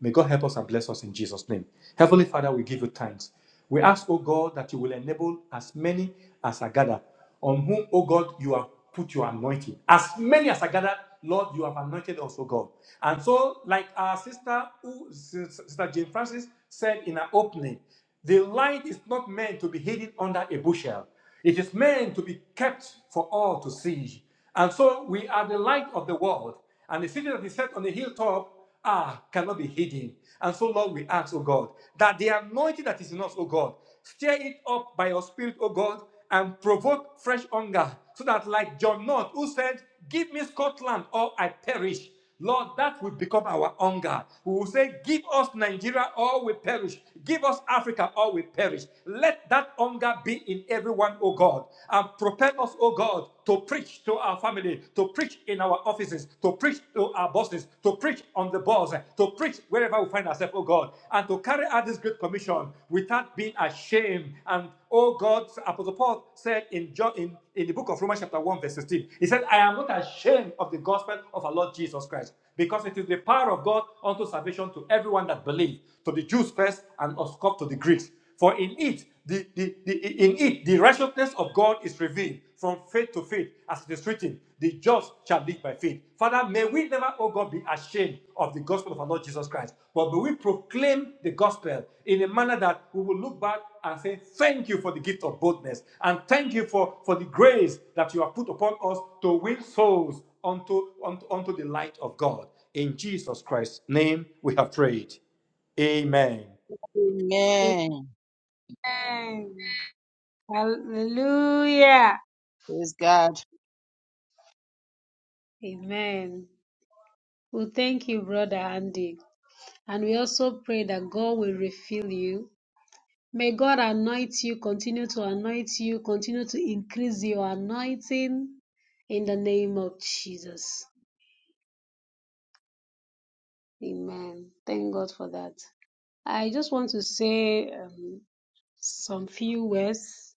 S7: May God help us and bless us in Jesus' name. Heavenly Father, we give you thanks. We ask, O God, that you will enable as many as are gathered, on whom, O God, you have put your anointing. As many as are gathered, Lord, you have anointed us, O God. And so, like our sister, who, Sister Jane Francis said in her opening, the light is not meant to be hidden under a bushel. It is meant to be kept for all to see. And so we are the light of the world. And the city that is set on the hilltop are cannot be hidden. And so, Lord, we ask, oh God, that the anointing that is in us, oh God, stir it up by your spirit, oh God, and provoke fresh hunger, so that like John North, who said, Give me Scotland or I perish. Lord, that will become our hunger. We will say, Give us Nigeria or we perish. Give us Africa or we perish. Let that hunger be in everyone, O God, and propel us, O God, to preach to our family, to preach in our offices, to preach to our bosses, to preach on the bus, to preach wherever we find ourselves, oh God, and to carry out this great commission without being ashamed. And oh God, Apostle Paul said in John in, in the book of Romans, chapter 1, verse 16, he said, I am not ashamed of the gospel of our Lord Jesus Christ, because it is the power of God unto salvation to everyone that believes, to the Jews first and of course to the Greeks. For in it, the, the, the- in it, the righteousness of God is revealed from faith to faith, as it is written, the just shall live by faith. Father, may we never, oh God, be ashamed of the gospel of our Lord Jesus Christ, but may we proclaim the gospel in a manner that we will look back and say, Thank you for the gift of boldness, and thank you for, for the grace that you have put upon us to win souls unto, unto, unto the light of God. In Jesus Christ's name we have prayed. Amen.
S4: Amen.
S1: Amen. Hallelujah.
S4: Praise God.
S1: Amen. Well, thank you, Brother Andy. And we also pray that God will refill you. May God anoint you, continue to anoint you, continue to increase your anointing in the name of Jesus. Amen. Thank God for that. I just want to say um, some few words.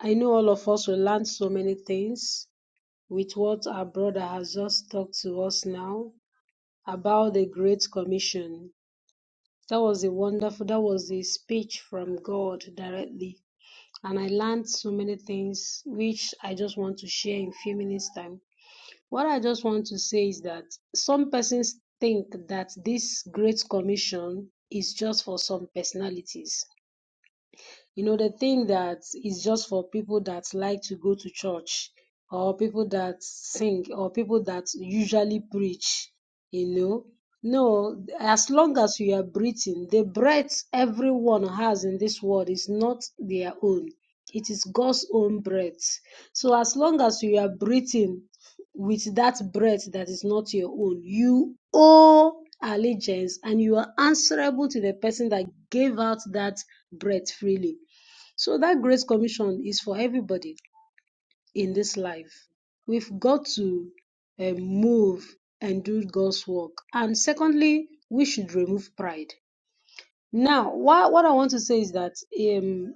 S1: I know all of us will learn so many things with what our brother has just talked to us now about the Great Commission. That was a wonderful, that was a speech from God directly. And I learned so many things which I just want to share in few minutes time. What I just want to say is that some persons think that this Great Commission is just for some personalities you know, the thing that is just for people that like to go to church or people that sing or people that usually preach, you know. No, as long as you are breathing, the breath everyone has in this world is not their own. It is God's own breath. So as long as you are breathing with that breath that is not your own, you owe allegiance and you are answerable to the person that gave out that breath freely. So that grace commission is for everybody in this life. We've got to um, move and do God's work. And secondly, we should remove pride. Now, what, what I want to say is that um,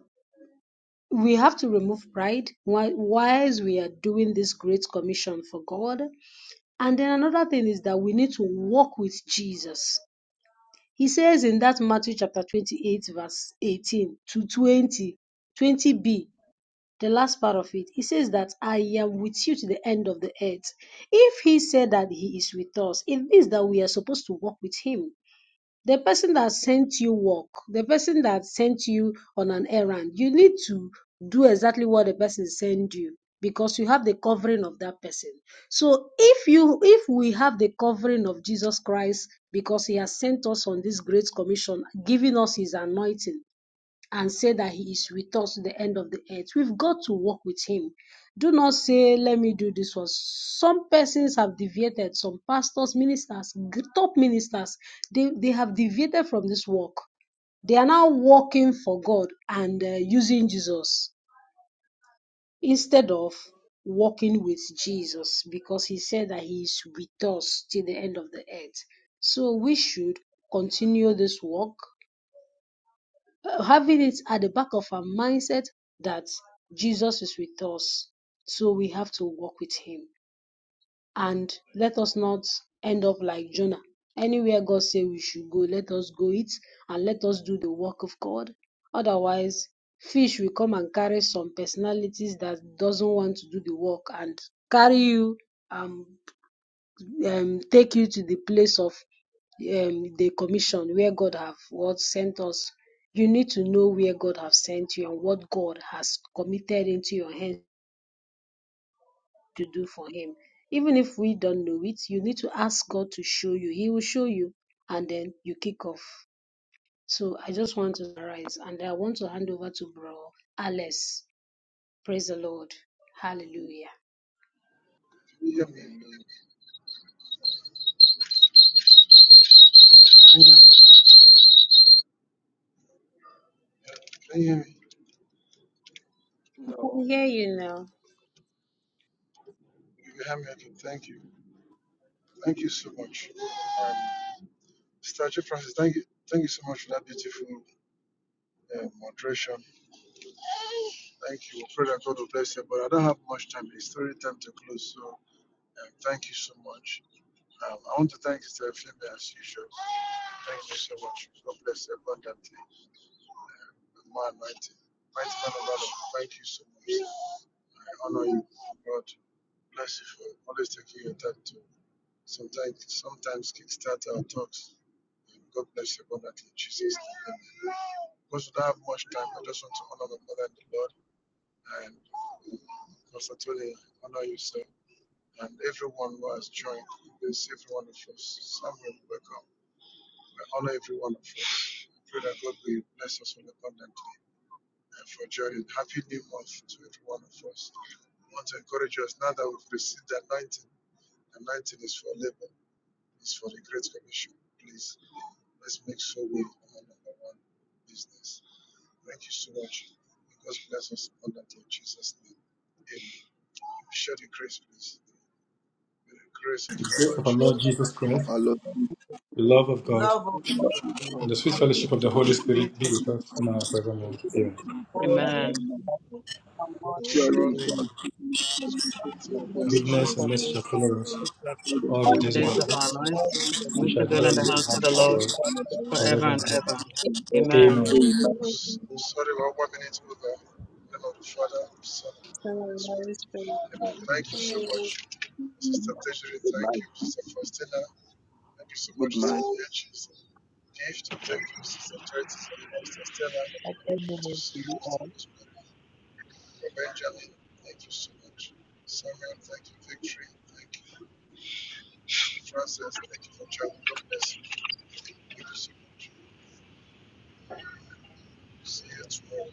S1: we have to remove pride while whilst we are doing this great commission for God. And then another thing is that we need to walk with Jesus. He says in that Matthew chapter 28, verse 18 to twenty twenty b the last part of it, he says that I am with you to the end of the earth. If he said that he is with us, it means that we are supposed to walk with him. The person that sent you walk, the person that sent you on an errand, you need to do exactly what the person sent you because you have the covering of that person. So if you if we have the covering of Jesus Christ because he has sent us on this great commission, giving us his anointing, and say that he is with us to the end of the earth. We've got to walk with him. Do not say, let me do this one. Some persons have deviated, some pastors, ministers, top ministers, they, they have deviated from this walk. They are now walking for God and uh, using Jesus instead of walking with Jesus because he said that he is with us till the end of the earth. So we should continue this walk having it at the back of our mindset that Jesus is with us. So we have to walk with him. And let us not end up like Jonah. Anywhere God say we should go, let us go it and let us do the work of God. Otherwise, fish will come and carry some personalities that doesn't want to do the work and carry you and um, take you to the place of um, the commission where God have what sent us. You need to know where God have sent you and what God has committed into your hands to do for Him. Even if we don't know it, you need to ask God to show you. He will show you, and then you kick off. So I just want to summarize, and I want to hand over to Bro Alice. Praise the Lord. Hallelujah.
S2: Can you hear me? Can you hear me? Can you hear me?
S1: I
S8: No.
S1: can hear you now.
S2: You can hear me. Okay. Thank you. Thank you so much. Um, Statue Francis, thank you. Thank you so much for that beautiful uh, moderation. Thank you. We pray that God will bless you. But I don't have much time. It's story time to close. So um, thank you so much. Um, I want to thank Sister Femi as usual. Thank you so much. God bless you abundantly. Man, mighty. Mighty man of God. Thank you so much. I honor you, God. Bless you for always taking your time to sometimes sometimes kickstart our talks. And God bless you abundantly, Jesus. Amen. Because we don't have much time, I just want to honor my mother and the Lord and uh, Pastor Tony, honor you, sir, and everyone who has joined this, every one of us. Samuel, welcome. I honor every one of us. I Pray that God will bless us all abundantly and for joy. And happy new month to every one of us. I want to encourage us now that we've received the anointing. Anointing is for labor, it's for the Great Commission. Please, let's make sure we are number one business. Thank you so much. May God bless us abundantly in Jesus' name. Amen. Share the grace, please. May the grace of
S7: The
S2: our
S4: For
S7: grace
S2: Lord
S4: the
S7: of our Lord
S2: Jesus
S7: Jesus Christ,
S8: of our Lord Jesus
S7: the love of God,
S4: love of
S7: and
S8: Christ.
S7: the sweet
S8: Let
S7: fellowship
S8: it
S7: of the
S8: be
S7: Holy
S2: Christ.
S5: Repeat
S7: Spirit be
S5: and
S7: with us now and forevermore.
S5: say,
S8: that
S7: Amen.
S5: "Blessed be
S9: Amen.
S5: God
S4: our Lord.
S8: Surely
S2: Surely,
S4: Amen.
S5: in
S8: God
S5: me."
S8: is in the
S2: it's good.
S8: community
S2: It's a
S8: of holy and
S2: blessing
S5: Goodness
S7: Goodness
S2: for
S7: and
S5: and
S7: mercy shall
S5: mercy
S2: us.
S7: follow us
S8: holy
S7: all the
S9: In
S8: days
S9: the
S7: days of
S8: that
S2: All
S10: Uh,
S9: days
S2: the
S7: our
S9: of
S7: life.
S9: our
S2: days
S9: life,
S2: of our
S5: all these are
S7: We
S9: we
S8: we
S9: shall
S7: shall
S8: shall
S9: dwell
S7: dwell
S9: in
S7: in
S9: the
S8: be able
S7: the
S9: house of the
S7: house of
S9: Lord
S5: always
S8: to connect
S2: life.
S7: God
S9: forever
S7: forever.
S9: and
S7: and
S9: ever.
S8: and
S5: God.
S7: ever.
S9: Amen.
S7: Amen.
S8: bear. Amen.
S2: S-
S5: A
S2: Sorry, one are one minute over. In the name of the Father, the Son, and the
S1: Sorry,
S2: Holy
S1: I was
S2: Spirit.
S1: praying.
S2: Amen.
S8: Amen.
S2: Thank you so
S11: Amen.
S2: much, Sister Desiree.
S8: Good
S2: Thank
S8: night.
S2: you, Sister Faustina. Thank you so
S8: Good
S2: much,
S8: night.
S2: Sister H. Sister Gift. Thank you, Sister Charity, Sister Sister Stella.
S5: happy
S2: To
S5: moment
S2: see
S5: to
S2: you,
S5: you all.
S2: Sister Rosemary. Brother Benjamin, thank you so much. Samuel, thank you. Victory, thank you. Francis, thank you for traveling. God bless you. Thank you so much. See you tomorrow.